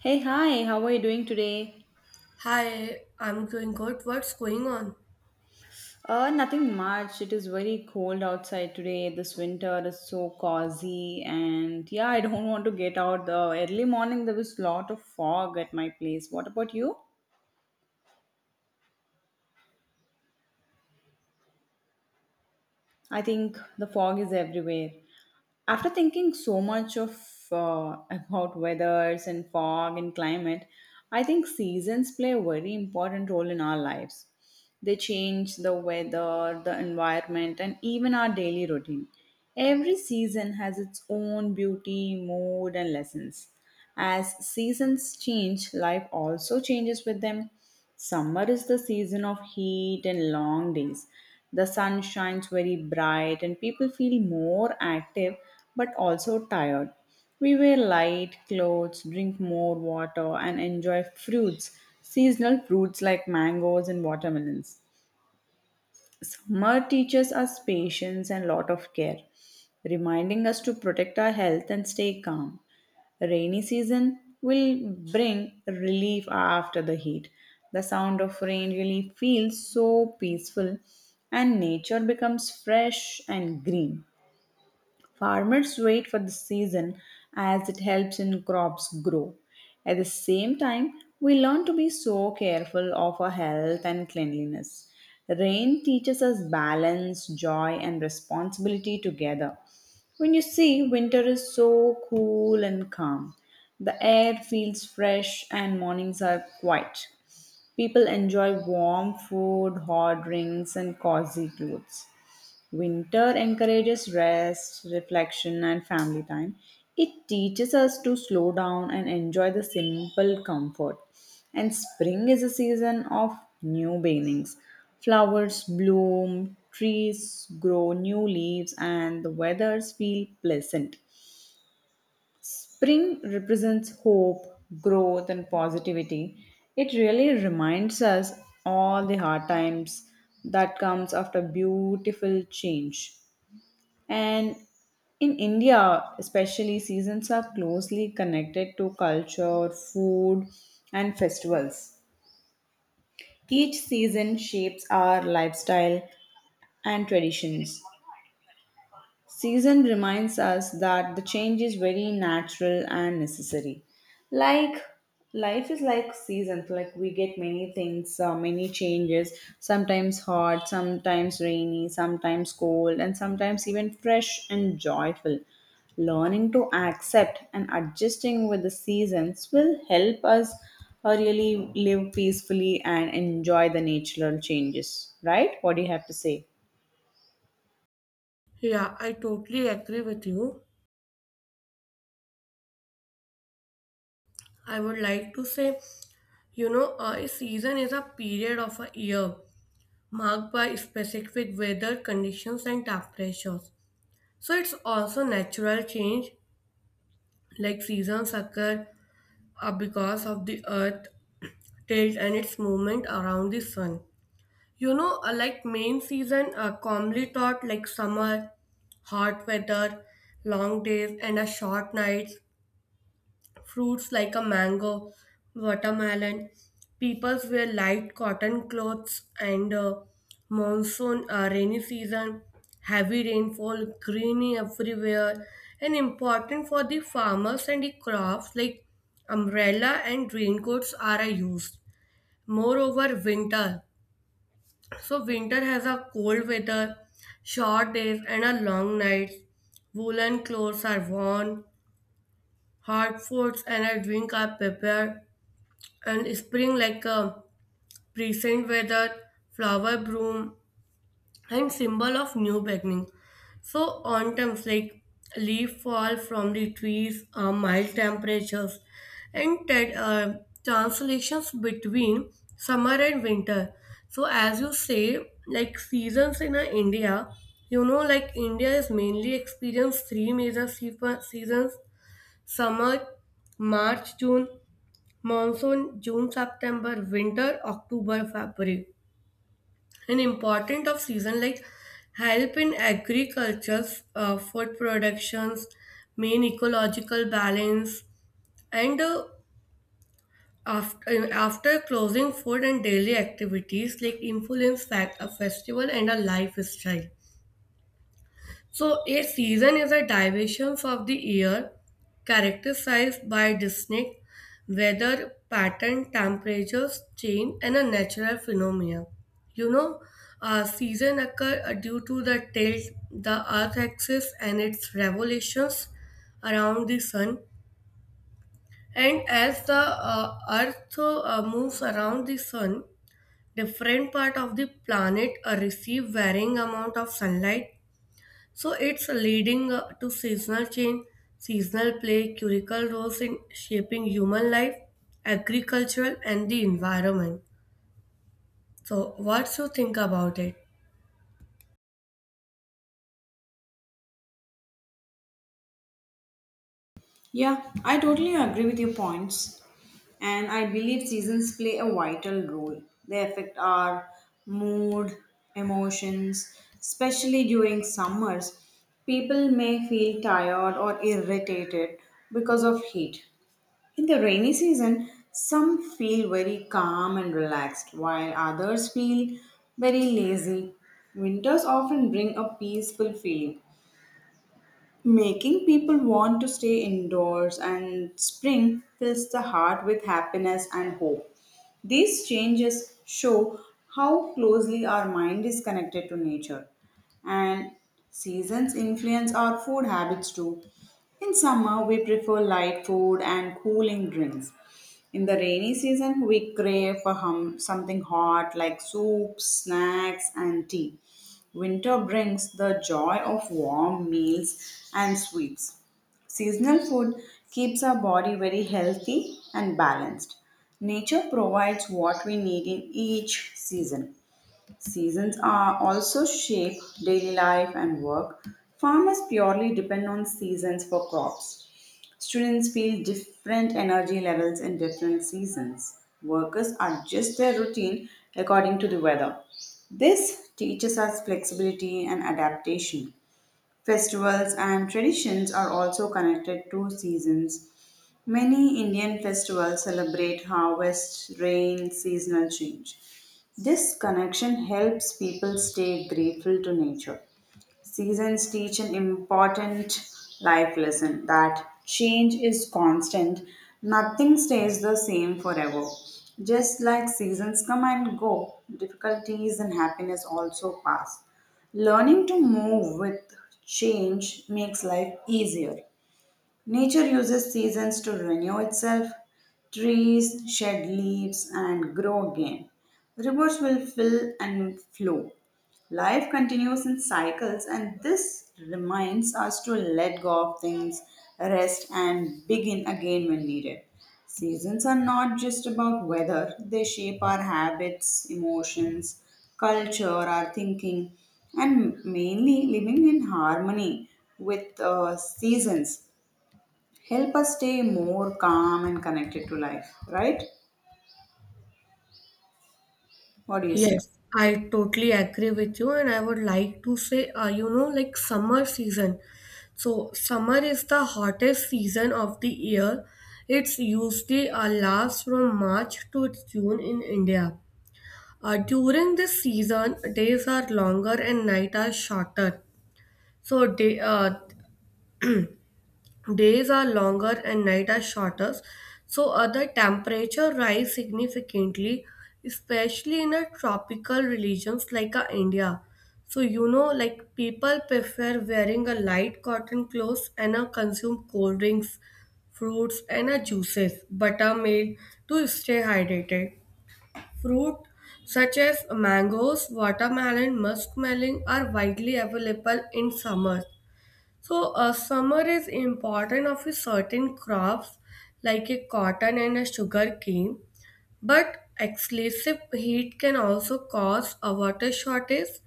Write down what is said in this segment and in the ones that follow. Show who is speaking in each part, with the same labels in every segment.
Speaker 1: Hey, hi, how are you doing today?
Speaker 2: Hi, I'm doing good. What's going on?
Speaker 1: Nothing much. It is very cold outside today. This winter is so cozy, and yeah, I don't want to get out. The early morning there was lot of fog at my place. What about you? I think the fog is everywhere. After thinking so much of about weathers and fog and climate, I think seasons play a very important role in our lives. They change the weather, the environment, and even our daily routine. Every season has its own beauty, mood, and lessons. As seasons change, life also changes with them. Summer is the season of heat and long days. The sun shines very bright, and people feel more active but also tired. We wear light clothes, drink more water, and enjoy fruits, seasonal fruits like mangoes and watermelons. Summer teaches us patience and lot of care, reminding us to protect our health and stay calm. Rainy season will bring relief after the heat. The sound of rain really feels so peaceful and nature becomes fresh and green. Farmers wait for the season as it helps in crops grow. At the same time, we learn to be so careful of our health and cleanliness. Rain teaches us balance, joy, and responsibility together. When you see winter is so cool and calm, the air feels fresh and mornings are quiet. People enjoy warm food, hot drinks, and cozy clothes. Winter encourages rest, reflection, and family time. It teaches us to slow down and enjoy the simple comfort. And spring is a season of new beginnings. Flowers bloom, trees grow new leaves, and the weathers feel pleasant. Spring represents hope, growth, and positivity. It really reminds us all the hard times that comes after beautiful change. And in India, especially, seasons are closely connected to culture, food, and festivals. Each season shapes our lifestyle and traditions. Season reminds us that the change is very natural and necessary. Like life is like seasons, like we get many things, many changes, sometimes hot, sometimes rainy, sometimes cold, and sometimes even fresh and joyful. Learning to accept and adjusting with the seasons will help us really live peacefully and enjoy the natural changes, right? What do you have to say?
Speaker 2: Yeah, I totally agree with you. I would like to say, you know, a season is a period of a year marked by specific weather conditions and temperatures. So it's also natural change, like seasons occur because of the earth tilt and its movement around the sun. You know, like main season, commonly thought like summer, hot weather, long days, and a short nights. Fruits like a mango, watermelon. Peoples wear light cotton clothes, and monsoon, rainy season, heavy rainfall, greeny everywhere, and important for the farmers and the crops like umbrella and raincoats are used. Moreover, winter. So winter has a cold weather, short days and a long nights. Woolen clothes are worn, hot foods and a drink are prepared. And spring like a present weather, flower bloom and symbol of new beginning. So autumns like leaf fall from the trees, mild temperatures, and translations between summer and winter. So as you say, like seasons in India, you know, like India is mainly experienced three major seasons: summer, March, June, monsoon, June, September, winter, October, February, an important of season like help in agriculture, food productions, main ecological balance, and after closing food and daily activities like influence fact a festival and a lifestyle. So, a season is a division of the year characterized by distinct weather pattern, temperatures, change, and a natural phenomena. You know, a season occur due to the tilt, the Earth axis, and its revolutions around the sun. And as the Earth moves around the sun, different part of the planet receive varying amount of sunlight, so it's leading to seasonal change. Seasonal play critical roles in shaping human life, agricultural, and the environment. So what you think about it?
Speaker 1: Yeah, I totally agree with your points. And I believe seasons play a vital role. They affect our mood, emotions, especially during summers. People may feel tired or irritated because of heat. In the rainy season, some feel very calm and relaxed, while others feel very lazy. Winters often bring a peaceful feeling, making people want to stay indoors and spring fills the heart with happiness and hope. These changes show how closely our mind is connected to nature. And seasons influence our food habits too. In summer, we prefer light food and cooling drinks. In the rainy season, we crave for something hot like soups, snacks, and tea. Winter brings the joy of warm meals and sweets. Seasonal food keeps our body very healthy and balanced. Nature provides what we need in each season. Seasons are also shape daily life and work. Farmers purely depend on seasons for crops. Students feel different energy levels in different seasons. Workers adjust their routine according to the weather. This teaches us flexibility and adaptation. Festivals and traditions are also connected to seasons. Many Indian festivals celebrate harvest, rain, seasonal change. This connection helps people stay grateful to nature. Seasons teach an important life lesson that change is constant. Nothing stays the same forever. Just like seasons come and go, difficulties and happiness also pass. Learning to move with change makes life easier. Nature uses seasons to renew itself. Trees shed leaves and grow again. Rivers will fill and flow. Life continues in cycles, and this reminds us to let go of things, rest, and begin again when needed. Seasons are not just about weather, they shape our habits, emotions, culture, our thinking, and mainly living in harmony with seasons help us stay more calm and connected to life, right? What do you say?
Speaker 2: Yes, I totally agree with you, and I would like to say, you know, like summer season. So summer is the hottest season of the year. It's usually lasts from March to June in India. During this season, days are longer and nights are shorter. So day, days are longer and night are shorter. So other temperature rise significantly, especially in a tropical regions like India. So you know, like people prefer wearing a light cotton clothes and consume cold drinks, fruits and juices, buttermilk to stay hydrated. Fruit such as mangoes, watermelon, muskmelon are widely available in summer. So, summer is important of a certain crops like a cotton and a sugar cane, but excessive heat can also cause a water shortage,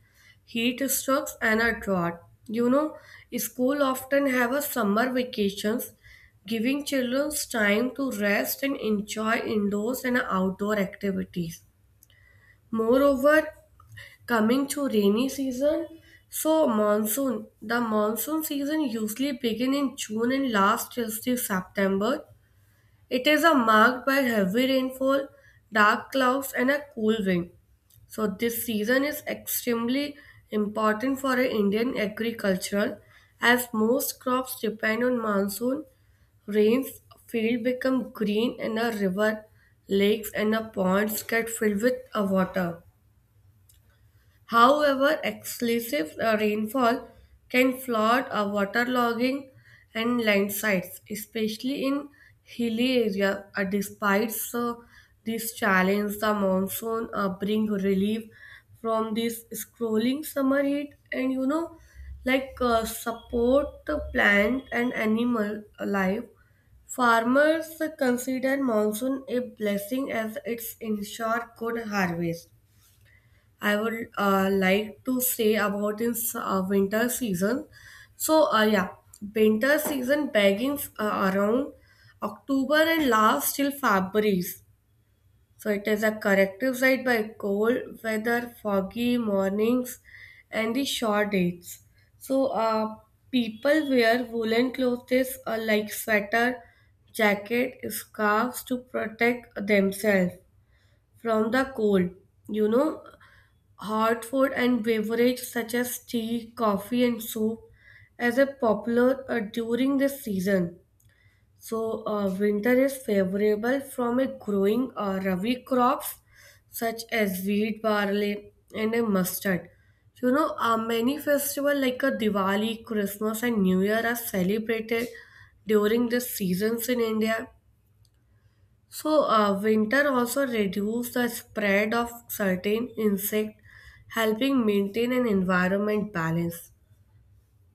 Speaker 2: heat strokes, and a drought. You know, school often have a summer vacations, giving children time to rest and enjoy indoors and outdoor activities. Moreover, coming to rainy season, so monsoon. The monsoon season usually begin in June and lasts till the September. It is a marked by heavy rainfall, dark clouds, and a cool wind. So this season is extremely important for a Indian agricultural as most crops depend on monsoon rains. Field become green and the river, lakes and a ponds get filled with water. However, excessive rainfall can flood waterlogging and landslides, especially in hilly areas. Despite this challenge, the monsoon brings relief from this scrolling summer heat, and you know, like support the plant and animal life. Farmers consider monsoon a blessing as it's ensure good harvest. I would like to say about winter season. So yeah, winter season bagging around October and lasts till February. So it is a corrective side by cold weather, foggy mornings, and the short dates. So people wear woolen clothes like sweater, jacket, scarves to protect themselves from the cold. You know, hot food and beverages such as tea, coffee, and soup as a popular during this season. So winter is favorable from a growing Rabi crops such as wheat, barley, and a mustard. You know, many festivals like a Diwali, Christmas, and New Year are celebrated during the seasons in India. So, winter also reduces the spread of certain insect, helping maintain an environment balance.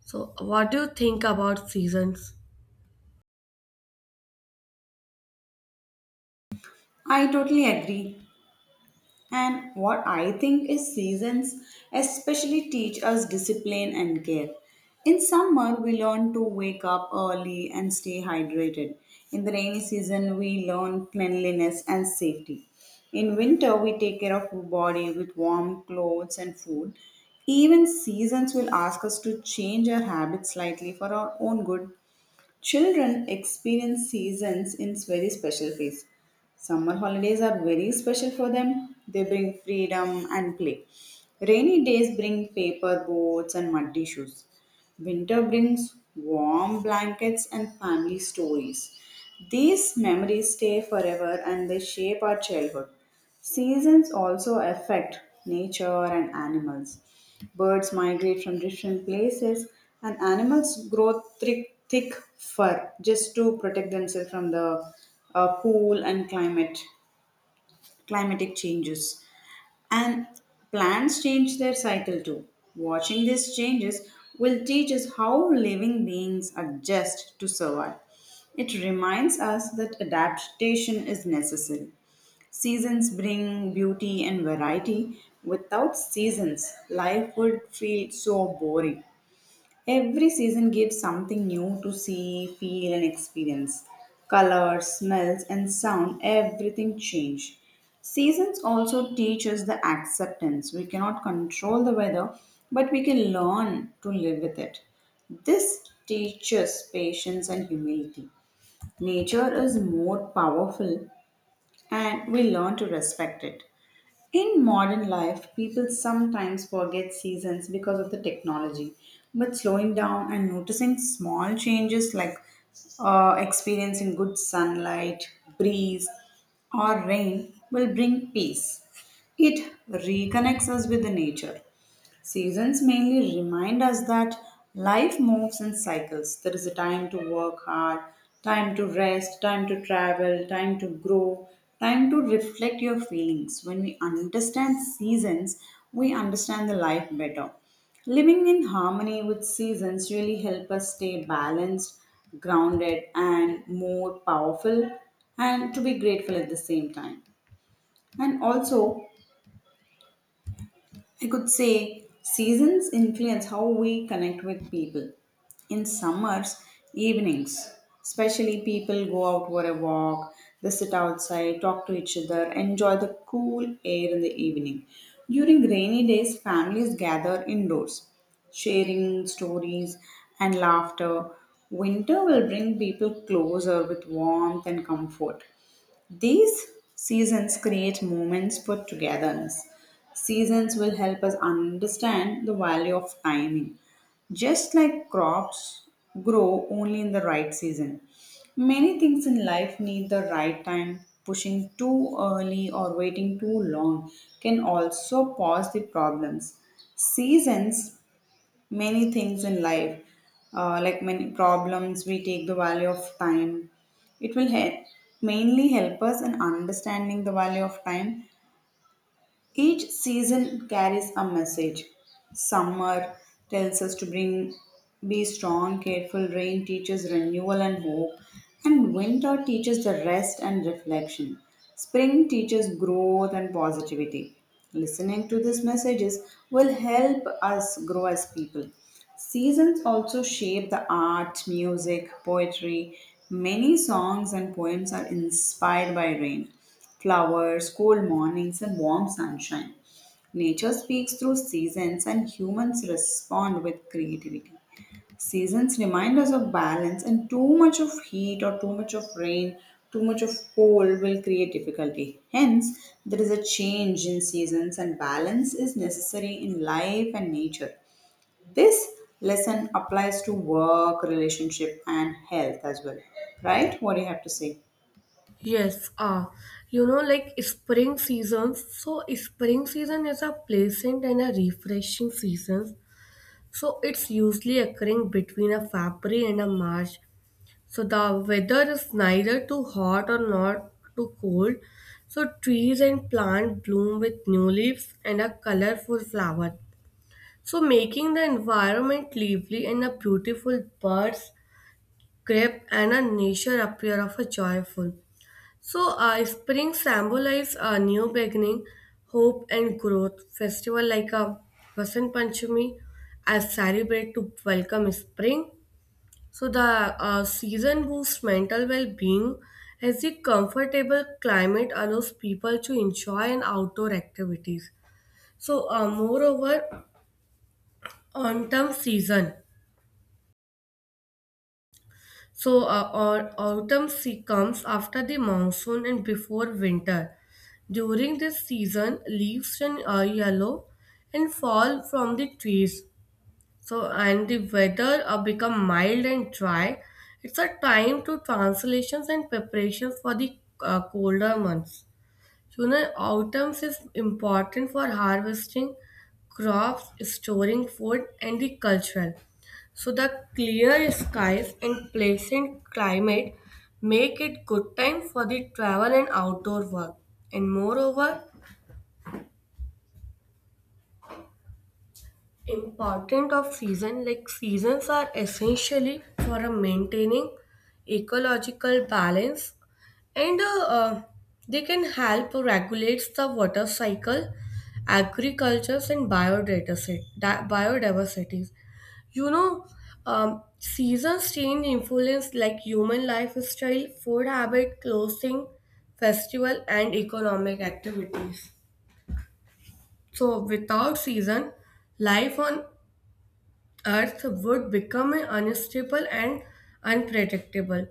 Speaker 2: So, what do you think about seasons?
Speaker 1: I totally agree. And what I think is seasons especially teach us discipline and care. In summer, we learn to wake up early and stay hydrated. In the rainy season, we learn cleanliness and safety. In winter, we take care of our body with warm clothes and food. Even seasons will ask us to change our habits slightly for our own good. Children experience seasons in very special ways. Summer holidays are very special for them. They bring freedom and play. Rainy days bring paper boats and muddy shoes. Winter brings warm blankets and family stories. These memories stay forever and they shape our childhood. Seasons also affect nature and animals. Birds migrate from different places, and animals grow thick, thick fur just to protect themselves from the cool and climate climatic changes. And plants change their cycle too. Watching these changes will teach us how living beings adjust to survive. It reminds us that adaptation is necessary. Seasons bring beauty and variety. Without seasons, life would feel so boring. Every season gives something new to see, feel, and experience. Colors, smells, and sound, everything change. Seasons also teach us the acceptance. We cannot control the weather, but we can learn to live with it. This teaches patience and humility. Nature is more powerful, and we learn to respect it. In modern life, people sometimes forget seasons because of the technology. But slowing down and noticing small changes like experiencing good sunlight, breeze, or rain will bring peace. It reconnects us with the nature. Seasons mainly remind us that life moves in cycles. There is a time to work hard, time to rest, time to travel, time to grow, time to reflect your feelings. When we understand seasons, we understand the life better. Living in harmony with seasons really help us stay balanced, grounded, and more powerful, and to be grateful at the same time. And also, I could say seasons influence how we connect with people. In summers, evenings, especially people go out for a walk, they sit outside, talk to each other, enjoy the cool air in the evening. During rainy days, families gather indoors, sharing stories and laughter. Winter will bring people closer with warmth and comfort. These seasons create moments for togetherness. Seasons will help us understand the value of timing. Just like crops grow only in the right season, many things in life need the right time. Pushing too early or waiting too long can also cause the problems. Seasons many things in life, like many problems. We take the value of time. It will help, mainly help us in understanding the value of time each season carries a message. Summer tells us to bring be strong, careful. Rain teaches renewal and hope, and winter teaches the rest and reflection. Spring teaches growth and positivity. Listening to these messages will help us grow as people. Seasons also shape the art, music, poetry. Many songs and poems are inspired by rain flowers, cold mornings, and warm sunshine. Nature speaks through seasons, and humans respond with creativity. Seasons remind us of balance, and too much of heat or too much of rain, too much of cold will create difficulty. Hence, there is a change in seasons, and balance is necessary in life and nature. This lesson applies to work, relationship, and health as well. Right? What do you have to say?
Speaker 2: Yes, you know, like spring seasons. So, spring season is a pleasant and a refreshing season. So, it's usually occurring between a February and a March. So the weather is neither too hot or not too cold. So trees and plants bloom with new leaves and a colorful flower. So making the environment lively and a beautiful birds, grape and a nature appear of a joyful. So spring symbolizes a new beginning, hope and growth. Festival like a Vasant Panchami as celebrate to welcome spring. So the season boosts mental well-being as the comfortable climate allows people to enjoy an outdoor activities. So moreover, autumn season. So autumn comes after the monsoon and before winter. During this season, leaves turn yellow and fall from the trees. So, and the weather become mild and dry. It's a time to translations and preparations for the colder months. So, you know, autumn is important for harvesting crops, storing food, and the cultural. So, the clear skies and pleasant climate make it good time for the travel and outdoor work. And moreover, important of season like seasons are essentially for a maintaining ecological balance and they can help regulate the water cycle, agriculture and biodiversity. You know, seasons change influence like human lifestyle, food habit, clothing, festival and economic activities. So without season, life on Earth would become unstable and unpredictable.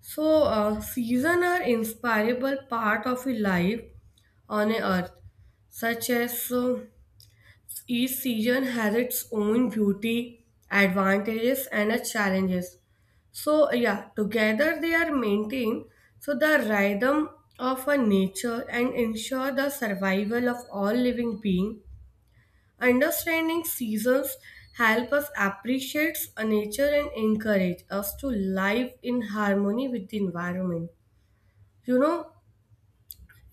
Speaker 2: So, seasons are inseparable part of a life on a Earth, such as each season has its own beauty, advantages, and its challenges. So, yeah, together they are maintained so the rhythm of a nature and ensure the survival of all living being. Understanding seasons help us appreciate nature and encourage us to live in harmony with the environment. You know,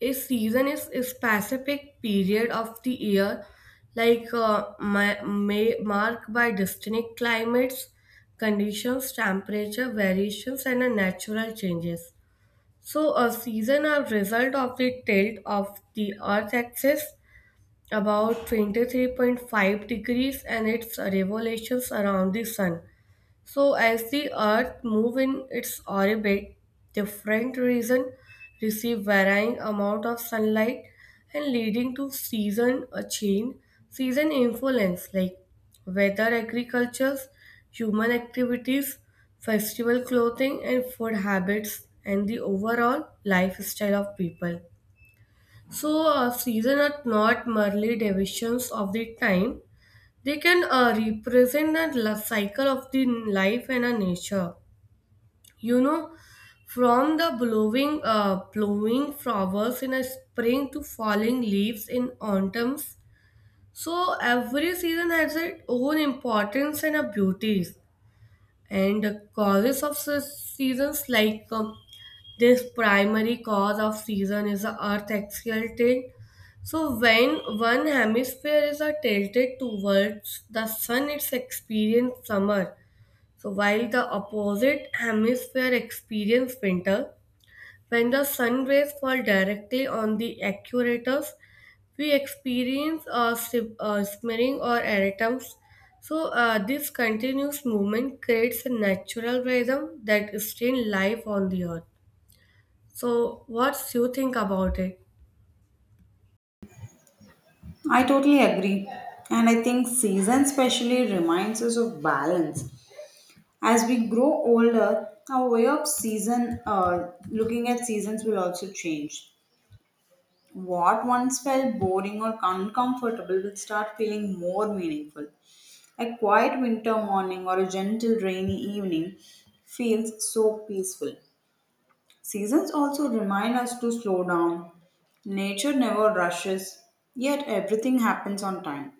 Speaker 2: a season is a specific period of the year, like may marked by distinct climates, conditions, temperature variations, and natural changes. So, a season are result of the tilt of the Earth axis, about 23.5 degrees, and its revolutions around the sun. So as the earth move in its orbit, different regions receive varying amount of sunlight and leading to season a change. Season influence like weather, agriculture, human activities, festival, clothing and food habits, and the overall lifestyle of people. So, seasons are not merely divisions of the time, they can represent a cycle of the life and a nature. You know, from the blowing flowers in a spring to falling leaves in autumns. So, every season has its own importance and a beauties. And the causes of such seasons like this primary cause of season is the Earth axial tilt. So when one hemisphere is tilted towards the sun, it's experience summer. So while the opposite hemisphere experience winter, when the sun rays fall directly on the equators, we experience smearing or erratims. So this continuous movement creates a natural rhythm that sustain life on the earth. So, what's you think about it?
Speaker 1: I totally agree. And I think season especially reminds us of balance. As we grow older, our way of looking at seasons will also change. What once felt boring or uncomfortable will start feeling more meaningful. A quiet winter morning or a gentle rainy evening feels so peaceful. Seasons also remind us to slow down. Nature never rushes, yet everything happens on time.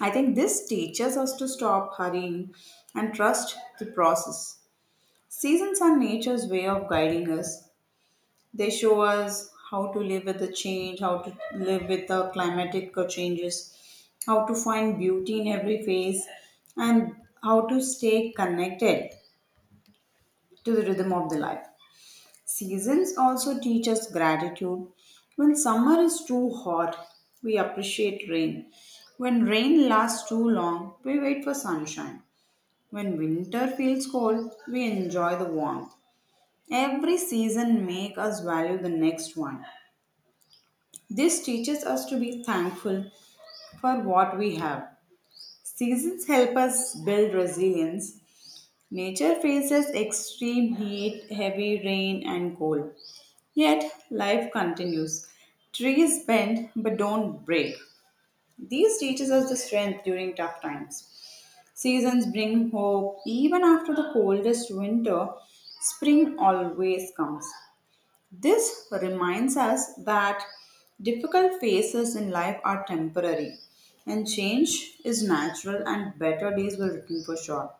Speaker 1: I think this teaches us to stop hurrying and trust the process. Seasons are nature's way of guiding us. They show us how to live with the change, how to live with the climatic changes, how to find beauty in every phase, and how to stay connected to the rhythm of the life. Seasons also teach us gratitude. When summer is too hot, we appreciate rain. When rain lasts too long, we wait for sunshine. When winter feels cold, we enjoy the warmth. Every season makes us value the next one. This teaches us to be thankful for what we have. Seasons help us build resilience. Nature faces extreme heat, heavy rain, and cold. Yet life continues. Trees bend but don't break. These teaches us the strength during tough times. Seasons bring hope. Even after the coldest winter, spring always comes. This reminds us that difficult phases in life are temporary and change is natural and better days will return for sure.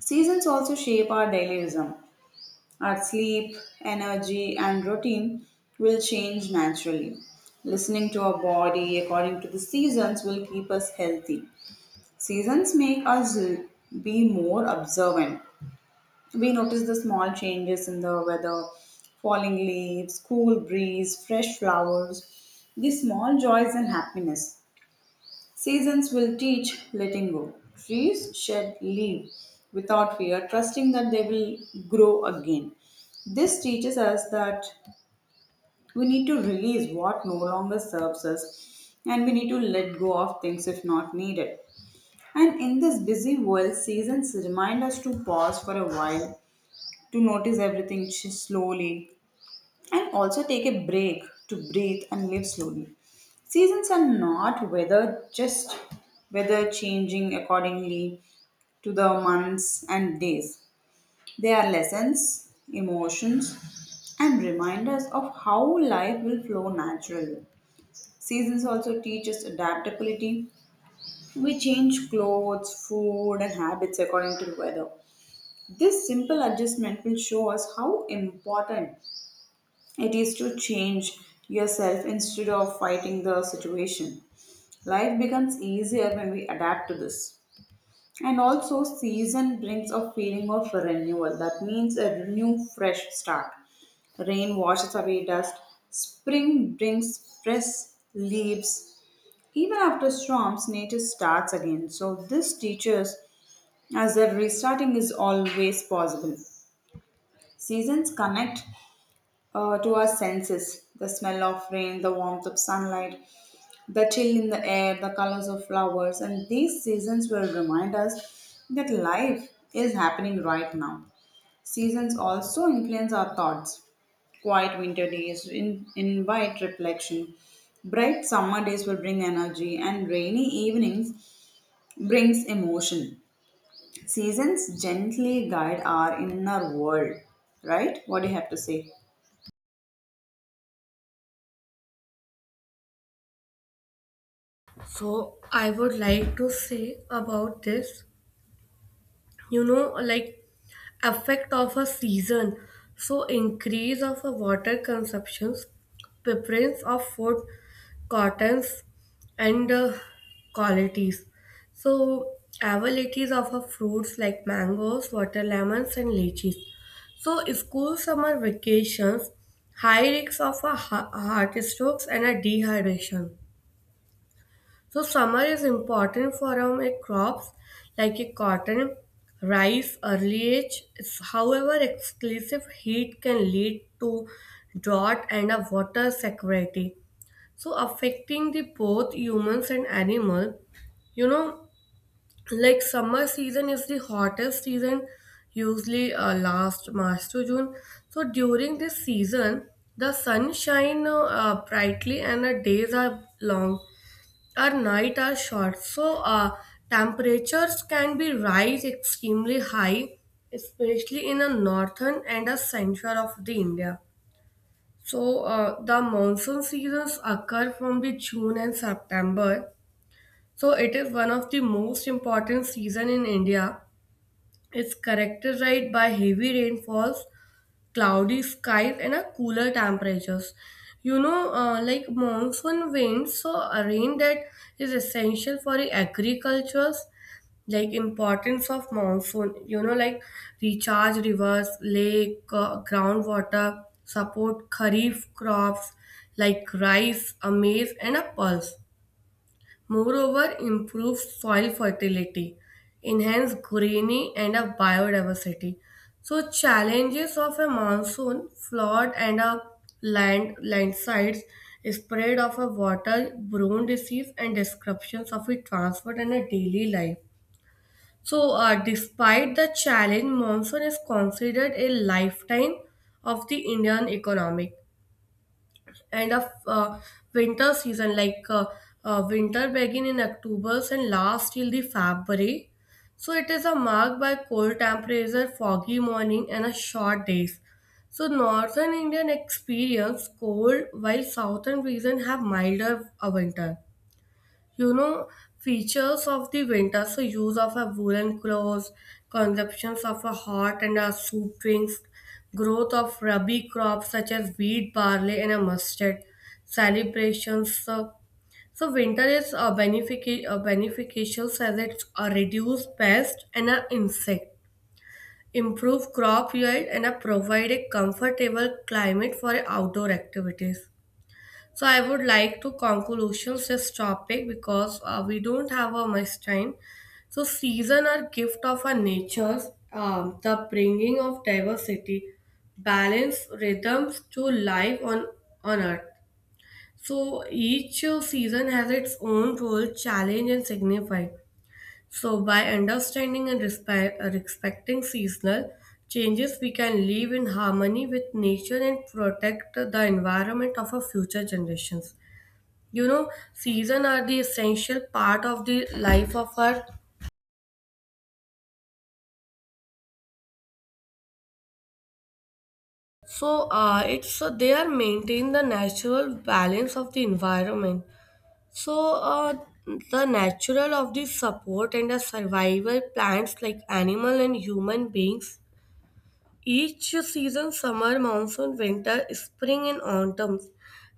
Speaker 1: Seasons also shape our daily rhythm. Our sleep, energy, and routine will change naturally. Listening to our body according to the seasons will keep us healthy. Seasons make us be more observant. We notice the small changes in the weather, falling leaves, cool breeze, fresh flowers, these small joys and happiness. Seasons will teach letting go. Trees shed leaves without fear, trusting that they will grow again. This teaches us that we need to release what no longer serves us and we need to let go of things if not needed. And in this busy world, seasons remind us to pause for a while, to notice everything slowly, and also take a break to breathe and live slowly. Seasons are not weather, just weather changing accordingly to the months and days. They are lessons, emotions, and reminders of how life will flow naturally. Seasons also teach us adaptability. We change clothes, food, and habits according to the weather. This simple adjustment will show us how important it is to change yourself instead of fighting the situation. Life becomes easier when we adapt to this. And also, season brings a feeling of renewal. That means a new, fresh start. Rain washes away dust. Spring brings fresh leaves. Even after storms, nature starts again. So, this teaches us that restarting is always possible. Seasons connect to our senses the smell of rain, the warmth of sunlight, the chill in the air, the colors of flowers. And these seasons will remind us that life is happening right now. Seasons also influence our thoughts. Quiet winter invite reflection. Bright summer days will bring energy, and rainy evenings brings emotion. Seasons gently guide our inner world, right? What do you have to say?
Speaker 2: So, I would like to say about this, you know, like effect of a season. So, increase of a water consumptions, preference of food, cottons, and qualities. So, availabilities of a fruits like mangoes, water lemons, and lychees. So, school summer vacations, high risks of a heart strokes and a dehydration. So summer is important for our like, crops like a cotton, rice, early age. It's, however, excessive heat can lead to drought and a water scarcity. So affecting the both humans and animal. You know, like summer season is the hottest season, usually last March to June. So during this season, the sun shine brightly and the days are long. Our night are short, so temperatures can be rise extremely high, especially in the northern and the central of the India. So the monsoon seasons occur from the June and September. So it is one of the most important season in India. It's characterized by heavy rainfalls, cloudy skies and a cooler temperatures. You know, like monsoon winds, so a rain that is essential for the agricultures. Like importance of monsoon, you know, like recharge rivers, lake, groundwater, support kharif crops like rice, a maize, and a pulse. Moreover, improves soil fertility, enhanced greenery, and a biodiversity. So, challenges of a monsoon, flood, and a landslides, spread of a water-borne disease, and disruptions of a transport and a daily life. So, despite the challenge, monsoon is considered a lifetime of the Indian economy and of winter season like winter begin in October and last till the February. So it is a marked by cold temperature, foggy morning and a short days. So northern Indian experience cold while southern region have milder winter. You know, features of the winter, so use of a woolen clothes, consumptions of a hot and a soup drinks, growth of rabi crops such as wheat, barley, and a mustard, celebrations. So, so winter is a a beneficial as it's a reduced pest and a insect, improve crop yield, and a provide a comfortable climate for outdoor activities. So I would like to conclusions this topic because we don't have a much time. So season are gift of our natures, the bringing of diversity, balance, rhythms to life on earth. So each season has its own role, challenge, and signify. So by understanding and respecting seasonal changes, we can live in harmony with nature and protect the environment of our future generations. You know, season are the essential part of the life of earth. So it's so they are maintain the natural balance of the environment. So the natural of the support and the survival plants like animal and human beings. Each season, summer, monsoon, winter, spring, and autumn,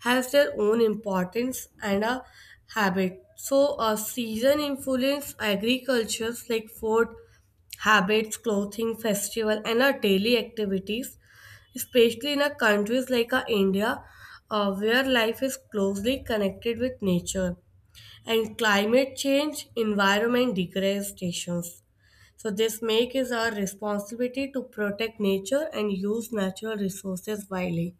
Speaker 2: has their own importance and a habit. So, a season influence agricultures like food, habits, clothing, festival, and our daily activities, especially in a countries like India, where life is closely connected with nature and climate change, environment degradations, so this make is our responsibility to protect nature and use natural resources wisely.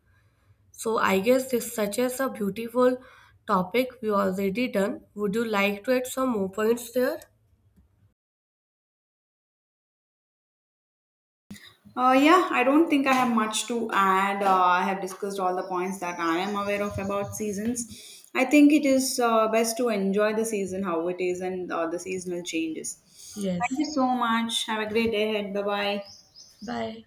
Speaker 2: So I guess this such as a beautiful topic we already done. Would you like to add some more points there?
Speaker 1: Yeah, I don't think I have much to add. I have discussed all the points that I am aware of about seasons. I think it is best to enjoy the season how it is and the seasonal changes. Thank
Speaker 2: Yes.
Speaker 1: you so much. Have a great day ahead. Bye bye.
Speaker 2: Bye.